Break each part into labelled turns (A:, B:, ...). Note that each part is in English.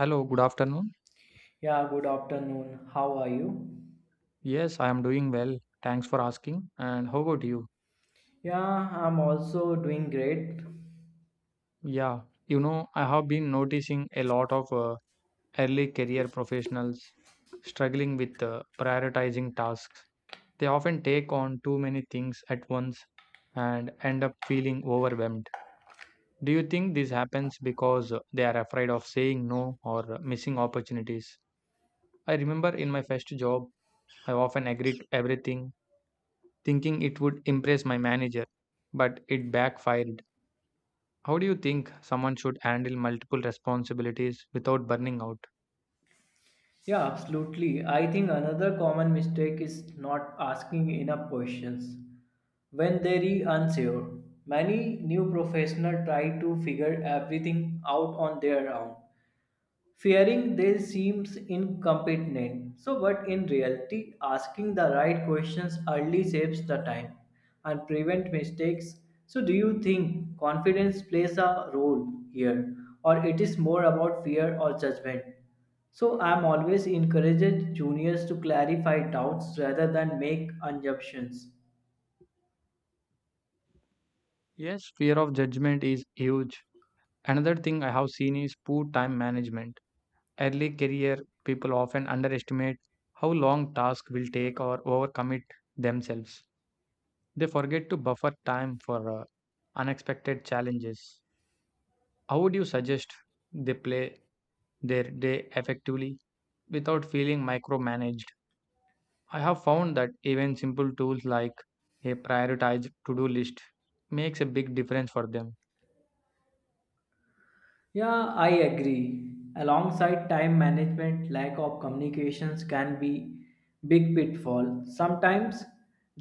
A: Hello, good afternoon.
B: Yeah, good afternoon. How are you?
A: Yes, I am doing well. Thanks for asking. And how about you?
B: Yeah, I'm also doing great.
A: Yeah, I have been noticing a lot of early career professionals struggling with prioritizing tasks. They often take on too many things at once and end up feeling overwhelmed. Do you think this happens because they are afraid of saying no or missing opportunities? I remember in my first job, I often agreed everything thinking it would impress my manager, but it backfired. How do you think someone should handle multiple responsibilities without burning out?
B: Yeah, absolutely. I think another common mistake is not asking enough questions when they are unsure. Many new professionals try to figure everything out on their own, fearing they seems incompetent. So, but in reality, asking the right questions early saves the time and prevent mistakes. So, do you think confidence plays a role here, or it is more about fear or judgment? So, I'm always encouraged juniors to clarify doubts rather than make assumptions.
A: Yes, fear of judgment is huge. Another thing I have seen is poor time management. Early career people often underestimate how long tasks will take or overcommit themselves. They forget to buffer time for unexpected challenges. How would you suggest they play their day effectively without feeling micromanaged? I have found that even simple tools like a prioritized to do list makes a big difference for them.
B: Yeah, I agree. Alongside time management, lack of communications can be big pitfall. Sometimes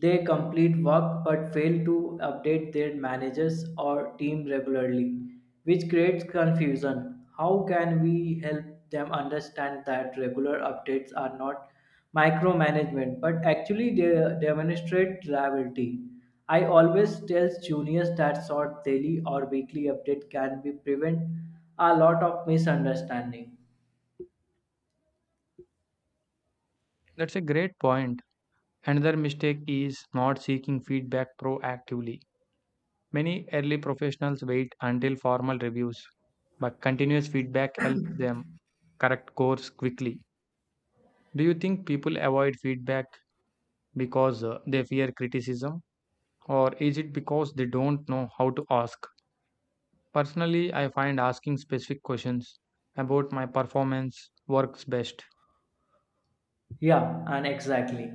B: they complete work but fail to update their managers or team regularly, which creates confusion. How can we help them understand that regular updates are not micromanagement, but actually they demonstrate reliability. I always tell juniors that short daily or weekly update can be prevent a lot of misunderstanding.
A: That's a great point. Another mistake is not seeking feedback proactively. Many early professionals wait until formal reviews, but continuous feedback helps them correct course quickly. Do you think people avoid feedback because they fear criticism, or is it because they don't know how to ask? Personally, I find asking specific questions about my performance works best.
B: Yeah, and exactly.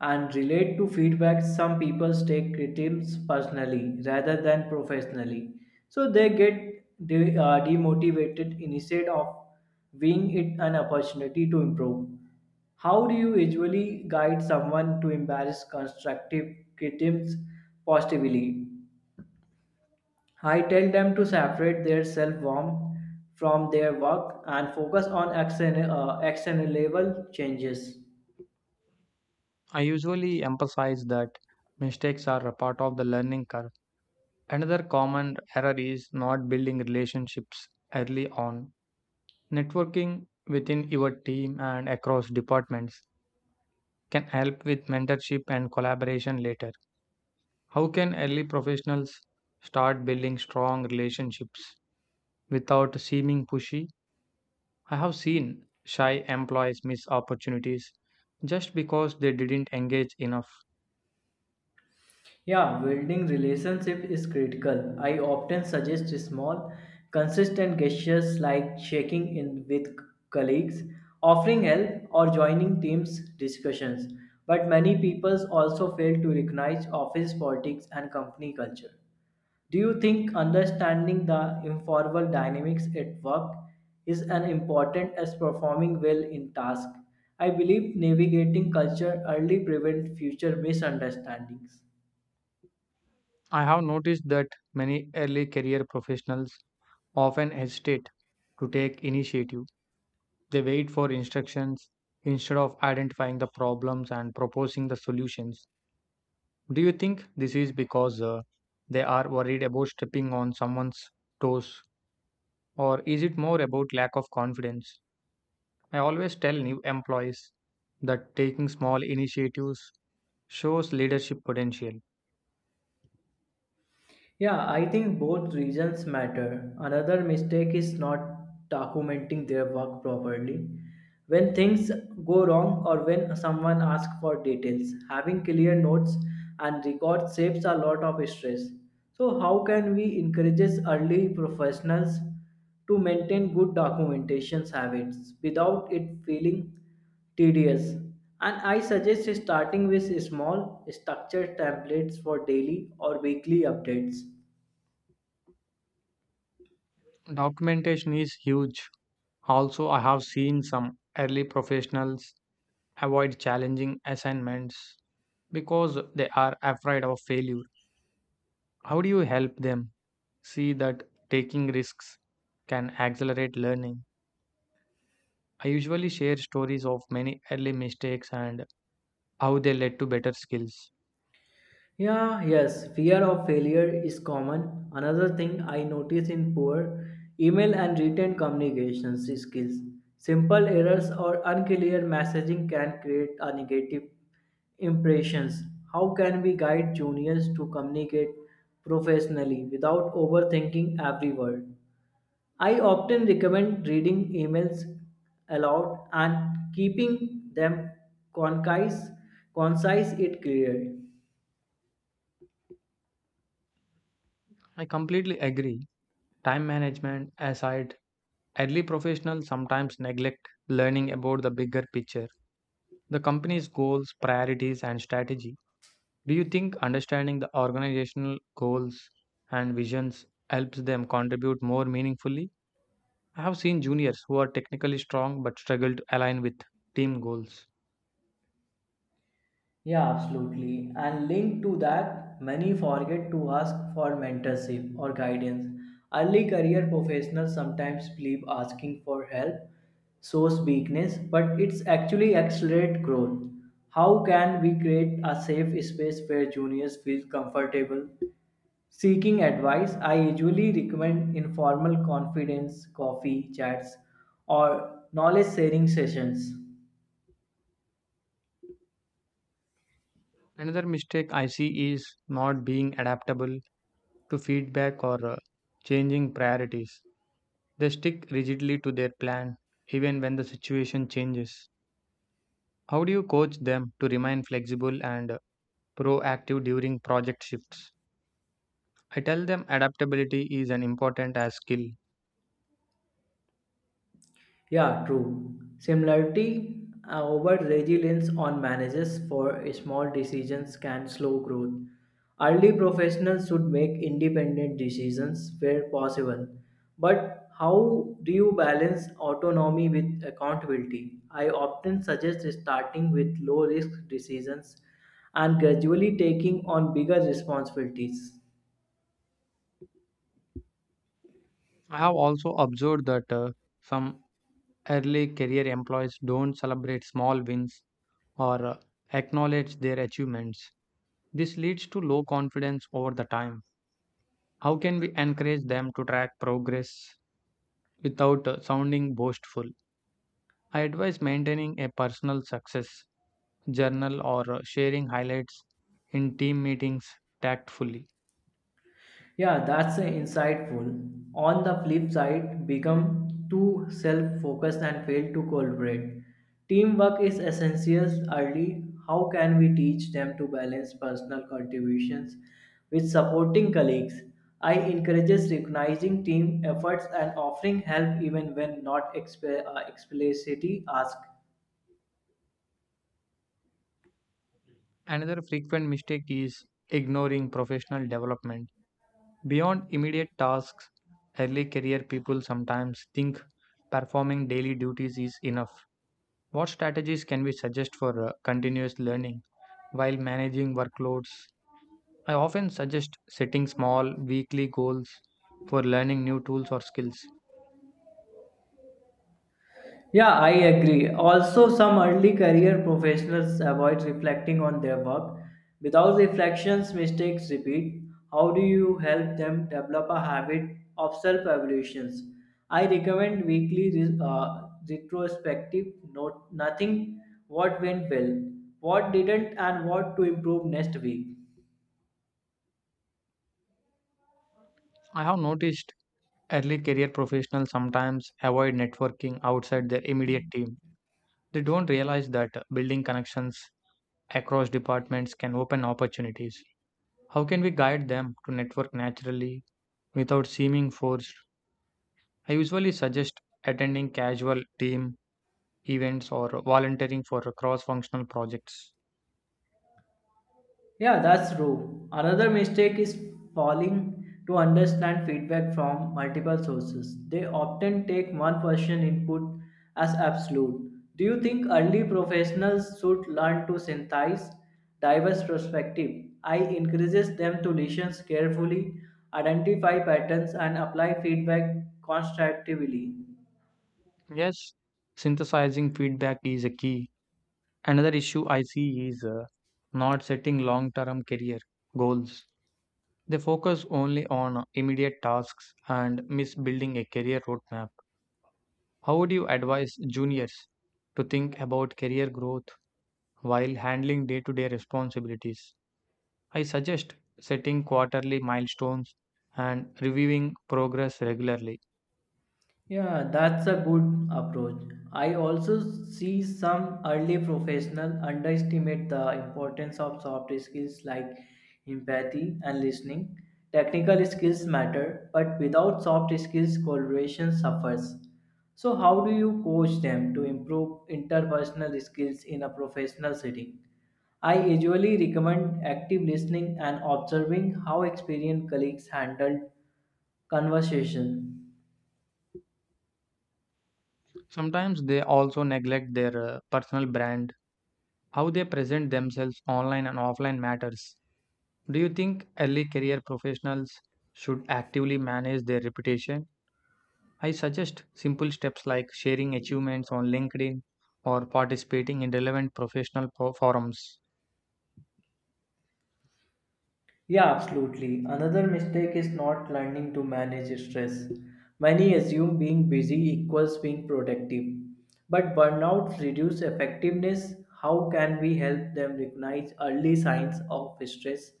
B: And relate to feedback, some people take critiques personally rather than professionally. So they get demotivated instead of viewing it an opportunity to improve. How do you usually guide someone to embrace constructive critiques positively? I tell them to separate their self worth from their work and focus on action level changes.
A: I usually emphasize that mistakes are a part of the learning curve. Another common error is not building relationships early on. Networking within your team and across departments can help with mentorship and collaboration later. How can early professionals start building strong relationships without seeming pushy? I have seen shy employees miss opportunities just because they didn't engage enough.
B: Yeah, building relationship is critical. I often suggest small, consistent gestures like checking in with colleagues, offering help, or joining teams discussions. But many people also fail to recognize office politics and company culture. Do you think understanding the informal dynamics at work is as important as performing well in task? I believe navigating culture early prevents future misunderstandings.
A: I have noticed that many early career professionals often hesitate to take initiative. They wait for instructions instead of identifying the problems and proposing the solutions. Do you think this is because they are worried about stepping on someone's toes, or is it more about lack of confidence? I always tell new employees that taking small initiatives shows leadership potential.
B: Yeah, I think both regions matter. Another mistake is not documenting their work properly. When things go wrong or when someone asks for details, having clear notes and records saves a lot of stress. So, how can we encourage early professionals to maintain good documentation habits without it feeling tedious. And I suggest starting with small structured templates for daily or weekly updates.
A: Documentation is huge. Also, I have seen some early professionals avoid challenging assignments because they are afraid of failure. How do you help them see that taking risks can accelerate learning? I usually share stories of many early mistakes and how they led to better skills.
B: Yeah, yes, fear of failure is common. Another thing I notice in poor email and written communications skills. Simple errors or unclear messaging can create a negative impressions. How can we guide juniors to communicate professionally without overthinking every word? I often recommend reading emails aloud and keeping them concise, concise it clear.
A: I completely agree. Time management aside, early professionals sometimes neglect learning about the bigger picture, the company's goals, priorities, and strategy. Do you think understanding the organizational goals and visions helps them contribute more meaningfully? I have seen juniors who are technically strong but struggle to align with team goals.
B: Yeah, absolutely. And linked to that, many forget to ask for mentorship or guidance. Early career professionals sometimes believe asking for help shows weakness, but it's actually accelerate growth. How can we create a safe space where juniors feel comfortable seeking advice? I usually recommend informal confidence, coffee chats, or knowledge sharing sessions.
A: Another mistake I see is not being adaptable to feedback or changing priorities. They stick rigidly to their plan even when the situation changes. How do you coach them to remain flexible and proactive during project shifts? I tell them adaptability is an important as skill.
B: Yeah, true. Similarity over resilience on managers for small decisions can slow growth. Early professionals should make independent decisions where possible. But how do you balance autonomy with accountability? I often suggest starting with low risk decisions and gradually taking on bigger responsibilities.
A: I have also observed that some early career employees don't celebrate small wins or acknowledge their achievements. This leads to low confidence over the time. How can we encourage them to track progress without sounding boastful? I advise maintaining a personal success journal or sharing highlights in team meetings tactfully.
B: Yeah, that's insightful. On the flip side, become too self focused and fail to collaborate. Teamwork is essential early. How can we teach them to balance personal contributions with supporting colleagues? I encourages recognizing team efforts and offering help even when not explicitly asked.
A: Another frequent mistake is ignoring professional development. Beyond immediate tasks, early career people sometimes think performing daily duties is enough. What strategies can we suggest for continuous learning while managing workloads? I often suggest setting small weekly goals for learning new tools or skills.
B: Yeah, I agree. Also, some early career professionals avoid reflecting on their work. Without reflections, mistakes repeat. How do you help them develop a habit of self evaluations? I recommend weekly retrospective note nothing what went well, what didn't, and what to improve next week.
A: I have noticed early career professionals sometimes avoid networking outside their immediate team. They don't realize that building connections across departments can open opportunities. How can we guide them to network naturally without seeming forced? I usually suggest attending casual team events or volunteering for cross functional projects.
B: Yeah, that's true. Another mistake is failing to understand feedback from multiple sources. They often take one person input as absolute. Do you think early professionals should learn to synthesize diverse perspective? I encourages them to listen carefully, identify patterns and apply feedback constructively.
A: Yes, synthesizing feedback is a key. Another issue I see is not setting long term career goals. They focus only on immediate tasks and miss building a career roadmap. How would you advise juniors to think about career growth while handling day to day responsibilities? I suggest setting quarterly milestones and reviewing progress regularly.
B: Yeah, that's a good approach. I also see some early professionals underestimate the importance of soft skills like empathy and listening. Technical skills matter, but without soft skills, collaboration suffers. So, how do you coach them to improve interpersonal skills in a professional setting? I usually recommend active listening and observing how experienced colleagues handle conversation.
A: Sometimes they also neglect their personal brand. How they present themselves online and offline matters. Do you think early career professionals should actively manage their reputation? I suggest simple steps like sharing achievements on LinkedIn or participating in relevant professional forums.
B: Yeah, absolutely. Another mistake is not learning to manage stress. Many assume being busy equals being productive, but burnout reduces effectiveness. How can we help them recognize early signs of stress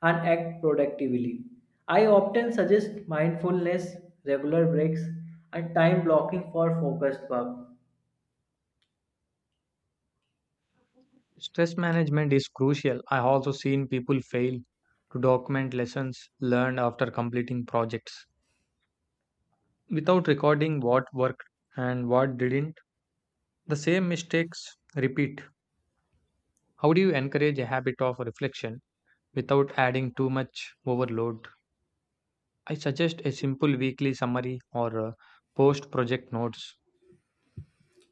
B: and act productively? I often suggest mindfulness, regular breaks, and time blocking for focused work.
A: Stress management is crucial. I have also seen people fail to document lessons learned after completing projects without recording what worked and what didn't. The same mistakes repeat. How do you encourage a habit of reflection without adding too much overload? I suggest a simple weekly summary or post project notes.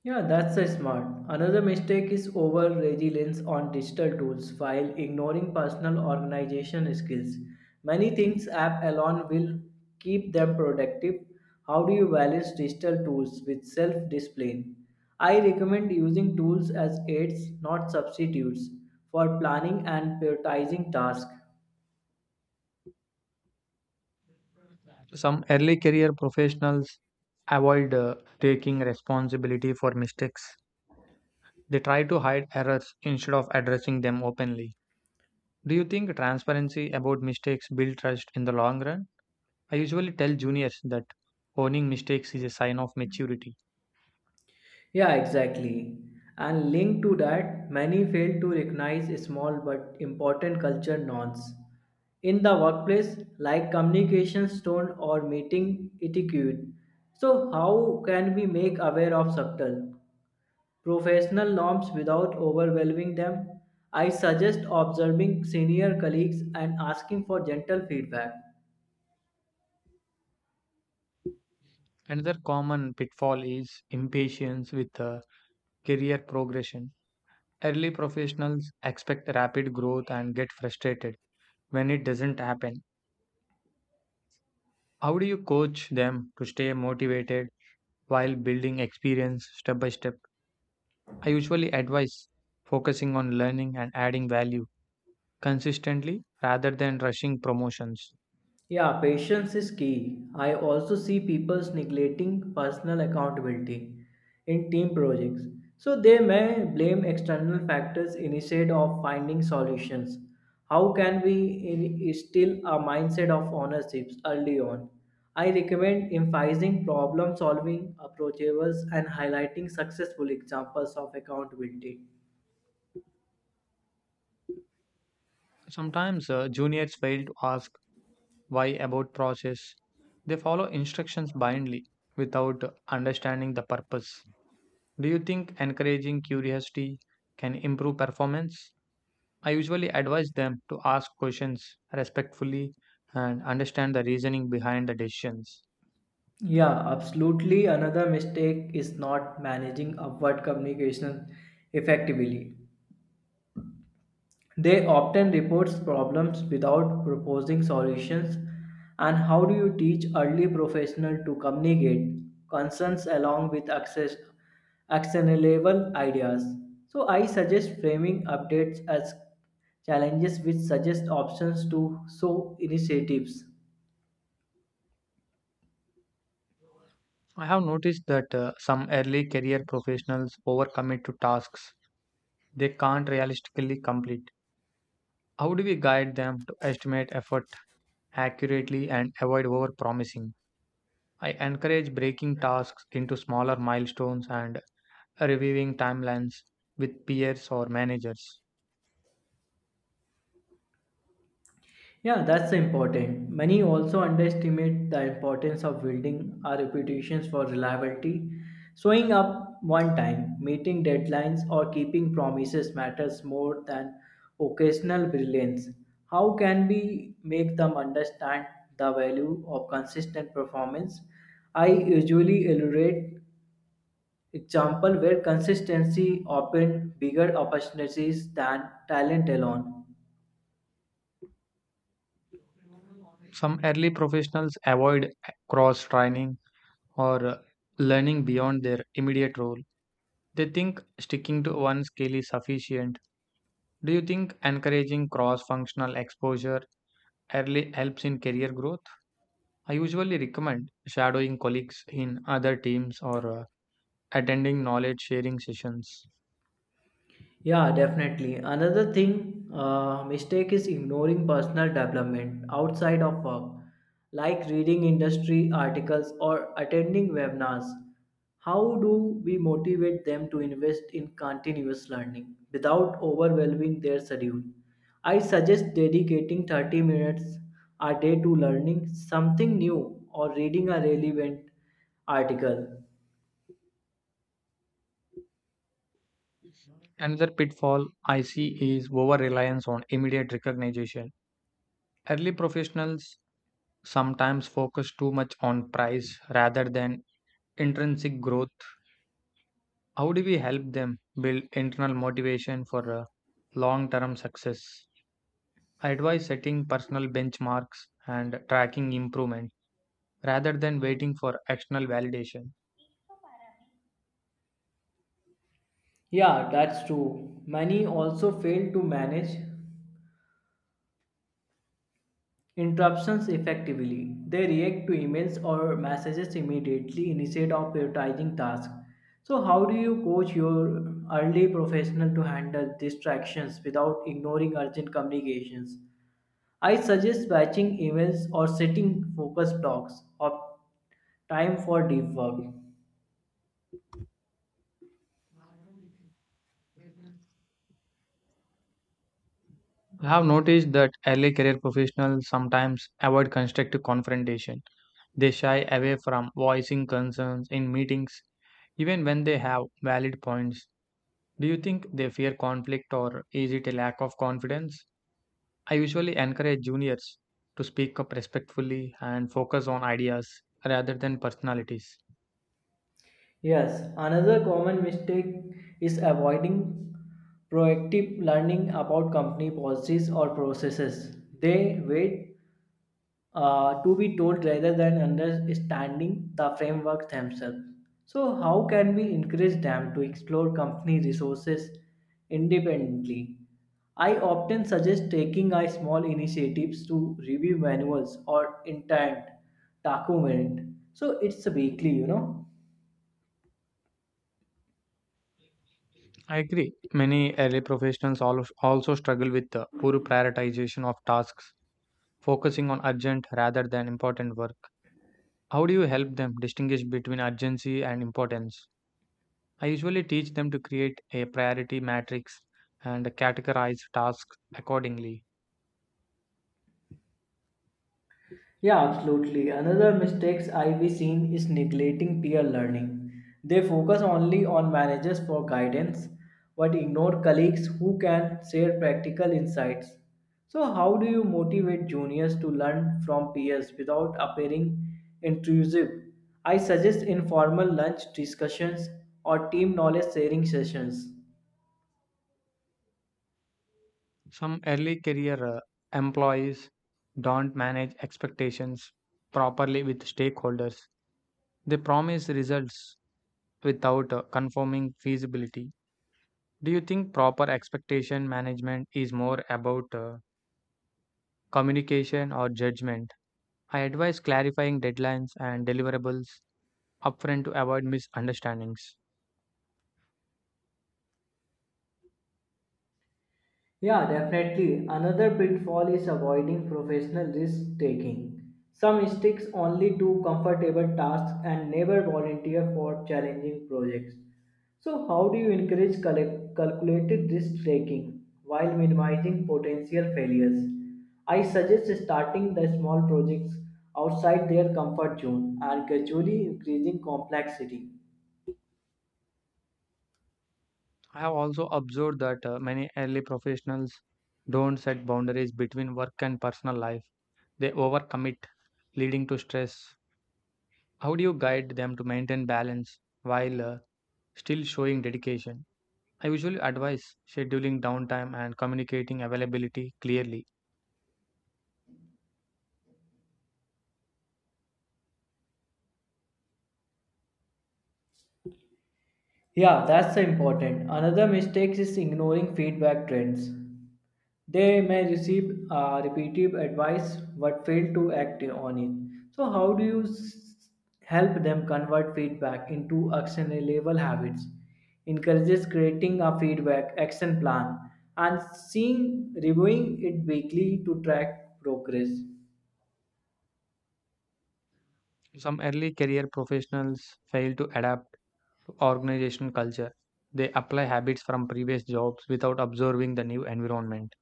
B: Yeah, that's a smart. Another mistake is over reliance on digital tools while ignoring personal organization skills. Many things app alone will keep them productive. How do you balance digital tools with self discipline? I recommend using tools as aids, not substitutes, for planning and prioritizing tasks.
A: Some early career professionals avoid taking responsibility for mistakes. They try to hide errors instead of addressing them openly. Do you think transparency about mistakes build trust in the long run? I usually tell juniors that owning mistakes is a sign of maturity.
B: Yeah, exactly. And linked to that, many fail to recognize small but important culture norms in the workplace, like communications tone or meeting etiquette. So, how can we make aware of subtle professional norms without overwhelming them? I suggest observing senior colleagues and asking for gentle feedback.
A: Another common pitfall is impatience with career progression. Early professionals expect rapid growth and get frustrated when it doesn't happen. How do you coach them to stay motivated while building experience step by step? I usually advise focusing on learning and adding value consistently rather than rushing promotions.
B: Yeah, patience is key. I also see people neglecting personal accountability in team projects. So they may blame external factors instead of finding solutions. How can we instill a mindset of ownership early on? I recommend emphasizing problem solving approaches and highlighting successful examples of accountability.
A: Sometimes juniors fail to ask why about process. They follow instructions blindly without understanding the purpose. Do you think encouraging curiosity can improve performance? I usually advise them to ask questions respectfully and understand the reasoning behind the decisions.
B: Yeah, absolutely. Another mistake is not managing upward communication effectively. They often report problems without proposing solutions. And how do you teach early professionals to communicate concerns along with access, actionable ideas? So I suggest framing updates as challenges which suggest options to show initiatives.
A: I have noticed that some early career professionals overcommit to tasks they can't realistically complete. How do we guide them to estimate effort accurately and avoid overpromising? I encourage breaking tasks into smaller milestones and reviewing timelines with peers or managers.
B: Yeah, that's important. Many also underestimate the importance of building our reputations for reliability. Showing up one time, meeting deadlines, or keeping promises matters more than occasional brilliance. How can we make them understand the value of consistent performance? I usually elaborate example where consistency opened bigger opportunities than talent alone.
A: Some early professionals avoid cross training or learning beyond their immediate role. They think sticking to one skill is sufficient. Do you think encouraging cross functional exposure early helps in career growth? I usually recommend shadowing colleagues in other teams or attending knowledge sharing sessions.
B: Yeah, definitely. Another mistake is ignoring personal development outside of work, like reading industry articles or attending webinars. How do we motivate them to invest in continuous learning without overwhelming their schedule? I suggest dedicating 30 minutes a day to learning something new or reading a relevant article.
A: Another pitfall I see is over reliance on immediate recognition. Early professionals sometimes focus too much on price rather than intrinsic growth. How do we help them build internal motivation for long term success? I advise setting personal benchmarks and tracking improvement rather than waiting for external validation.
B: Yeah, that's true. Many also fail to manage interruptions effectively. They react to emails or messages immediately instead of prioritizing tasks. So, how do you coach your early professional to handle distractions without ignoring urgent communications? I suggest batching emails or setting focus blocks of time for deep work.
A: I have noticed that early career professionals sometimes avoid constructive confrontation. They shy away from voicing concerns in meetings, even when they have valid points. Do you think they fear conflict or is it a lack of confidence? I usually encourage juniors to speak up respectfully and focus on ideas rather than personalities.
B: Yes, another common mistake is avoiding proactive learning about company policies or processes. They wait to be told rather than understanding the framework themselves. So, how can we encourage them to explore company resources independently? I often suggest taking a small initiatives to review manuals or intent document. So it's a weekly.
A: I agree. Many early professionals also struggle with the poor prioritization of tasks, focusing on urgent rather than important work. How do you help them distinguish between urgency and importance? I usually teach them to create a priority matrix and categorize tasks accordingly.
B: Yeah, absolutely. Another mistakes I've seen is neglecting peer learning. They focus only on managers for guidance, but ignore colleagues who can share practical insights. So, how do you motivate juniors to learn from peers without appearing intrusive? I suggest informal lunch discussions or team knowledge sharing sessions.
A: Some early career employees don't manage expectations properly with stakeholders. They promise results without confirming feasibility. Do you think proper expectation management is more about communication or judgment? I advise clarifying deadlines and deliverables upfront to avoid misunderstandings.
B: Yeah, definitely. Another pitfall is avoiding professional risk taking. Some sticks only to comfortable tasks and never volunteer for challenging projects. So, how do you encourage calculated risk taking while minimizing potential failures? I suggest starting the small projects outside their comfort zone and gradually increasing complexity.
A: I have also observed that many early professionals don't set boundaries between work and personal life. They overcommit, leading to stress. How do you guide them to maintain balance while still showing dedication? I usually advise scheduling downtime and communicating availability clearly.
B: Yeah, that's important. Another mistake is ignoring feedback trends. They may receive repetitive advice but fail to act on it. So, how do you help them convert feedback into actionable habits? Encourages creating a feedback action plan and seeing reviewing it weekly to track progress.
A: Some early career professionals fail to adapt to organizational culture. They apply habits from previous jobs without observing the new environment.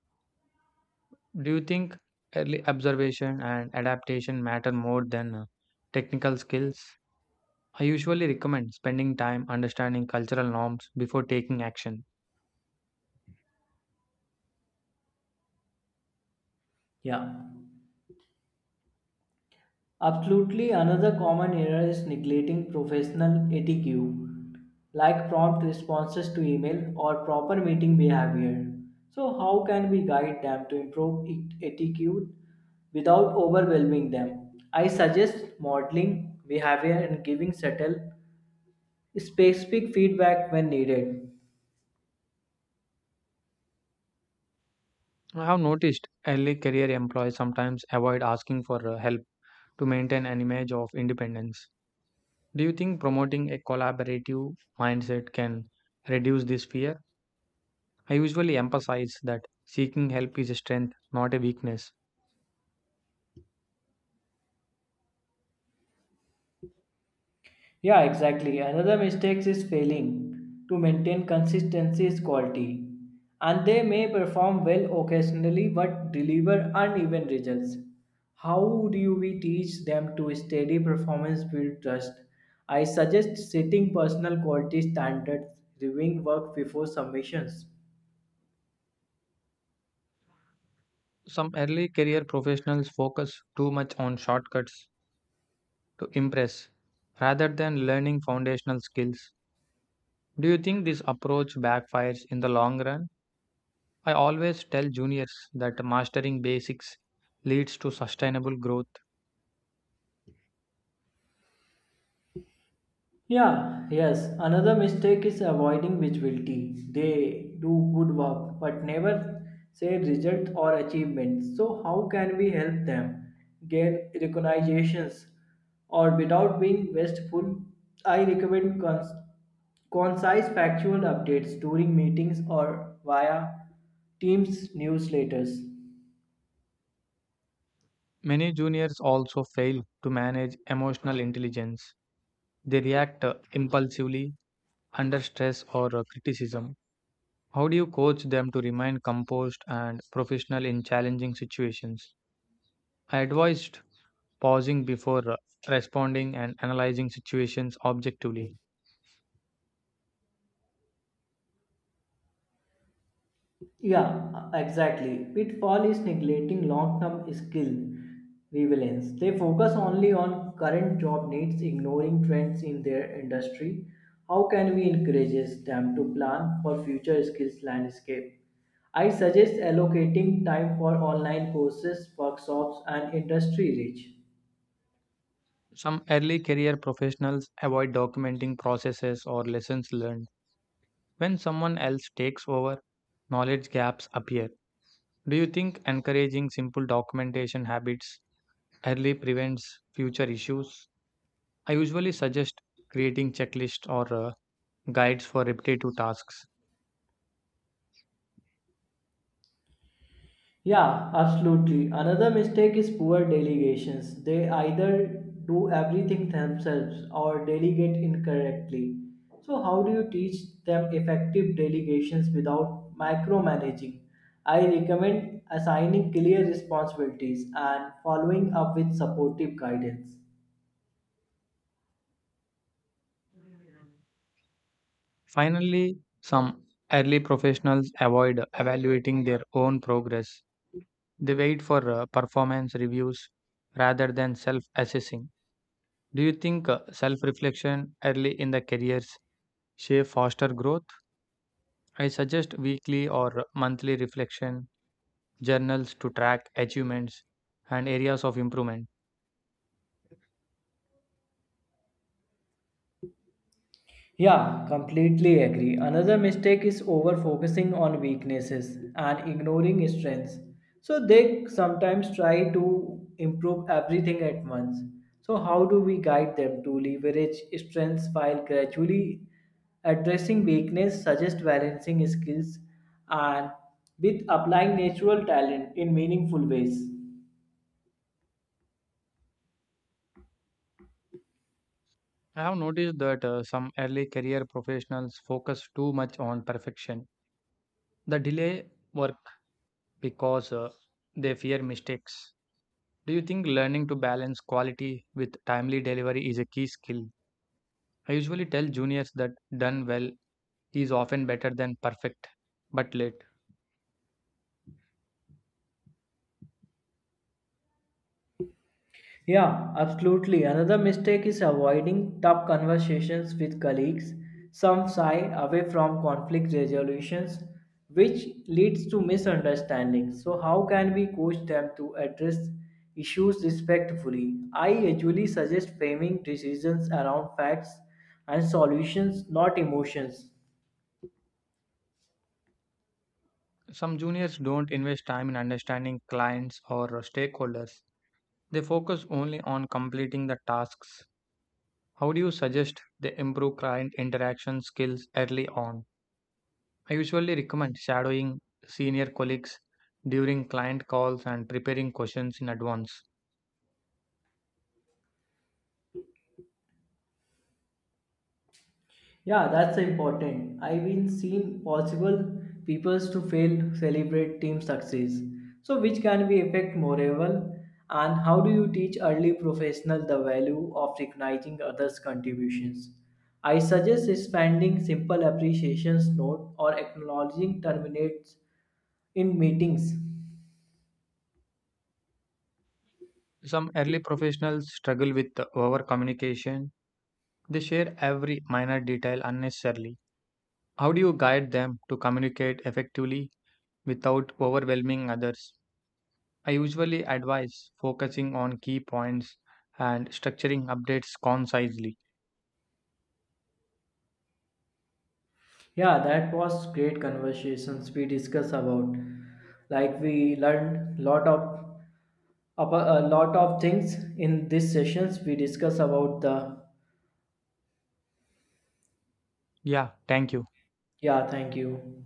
A: Do you think early observation and adaptation matter more than technical skills? I usually recommend spending time understanding cultural norms before taking action.
B: Yeah. Absolutely, another common error is neglecting professional etiquette like prompt responses to email or proper meeting behavior. So, how can we guide them to improve etiquette without overwhelming them? I suggest modeling behavior and giving subtle, specific feedback when needed.
A: I have noticed early career employees sometimes avoid asking for help to maintain an image of independence. Do you think promoting a collaborative mindset can reduce this fear? I usually emphasize that seeking help is a strength, not a weakness.
B: Yeah, exactly. Another mistake is failing to maintain consistency is quality. And they may perform well occasionally but deliver uneven results. How do we teach them to steady performance build trust? I suggest setting personal quality standards, reviewing work before submissions.
A: Some early career professionals focus too much on shortcuts to impress rather than learning foundational skills. Do you think this approach backfires in the long run? I always tell juniors that mastering basics leads to sustainable growth.
B: Yeah, yes. Another mistake is avoiding visibility. They do good work but never say result or achievements. So how can we help them gain recognitions or without being wasteful? I recommend concise factual updates during meetings or via Teams newsletters.
A: Many juniors also fail to manage emotional intelligence. They react impulsively under stress or criticism. How do you coach them to remain composed and professional in challenging situations? I advised pausing before responding and analyzing situations objectively.
B: Yeah, exactly. Pitfall is neglecting long term skill relevance. They focus only on current job needs, ignoring trends in their industry. How can we encourage them to plan for future skills landscape? I suggest allocating time for online courses, workshops, and industry reach.
A: Some early career professionals avoid documenting processes or lessons learned. When someone else takes over, knowledge gaps appear. Do you think encouraging simple documentation habits early prevents future issues? I usually suggest creating checklists or guides for repetitive tasks.
B: Yeah, absolutely. Another mistake is poor delegations. They either do everything themselves or delegate incorrectly. So, how do you teach them effective delegations without micromanaging? I recommend assigning clear responsibilities and following up with supportive guidance.
A: Finally, some early professionals avoid evaluating their own progress. They wait for performance reviews rather than self assessing. Do you think self reflection early in the careers shape faster growth? I suggest weekly or monthly reflection journals to track achievements and areas of improvement.
B: Yeah, completely agree. Another mistake is over focusing on weaknesses and ignoring strengths. So they sometimes try to improve everything at once. So, how do we guide them to leverage strengths while gradually addressing weakness? Suggest balancing skills and with applying natural talent in meaningful ways.
A: I have noticed that some early career professionals focus too much on perfection. The delay work because they fear mistakes. Do you think learning to balance quality with timely delivery is a key skill? I usually tell juniors that done well is often better than perfect but late.
B: Yeah, absolutely. Another mistake is avoiding tough conversations with colleagues. Some shy away from conflict resolutions, which leads to misunderstandings. So, how can we coach them to address issues respectfully? I usually suggest framing decisions around facts and solutions, not emotions.
A: Some juniors don't invest time in understanding clients or stakeholders. They focus only on completing the tasks. How do you suggest they improve client interaction skills early on? I usually recommend shadowing senior colleagues during client calls and preparing questions in advance.
B: Yeah, that's important. I've been seen possible peoples to fail celebrate team success. So which can be affect morale and how do you teach early professional the value of recognizing others' contributions? I suggest expanding simple appreciations note or acknowledging terminates in meetings.
A: Some early professionals struggle with over communication. They share every minor detail unnecessarily. How do you guide them to communicate effectively without overwhelming others? I usually advise focusing on key points and structuring updates concisely.
B: Yeah, that was great conversations we discussed about. Like we learned lot of a lot of things in these sessions we discuss about the
A: Yeah, thank you.
B: yeah, thank you.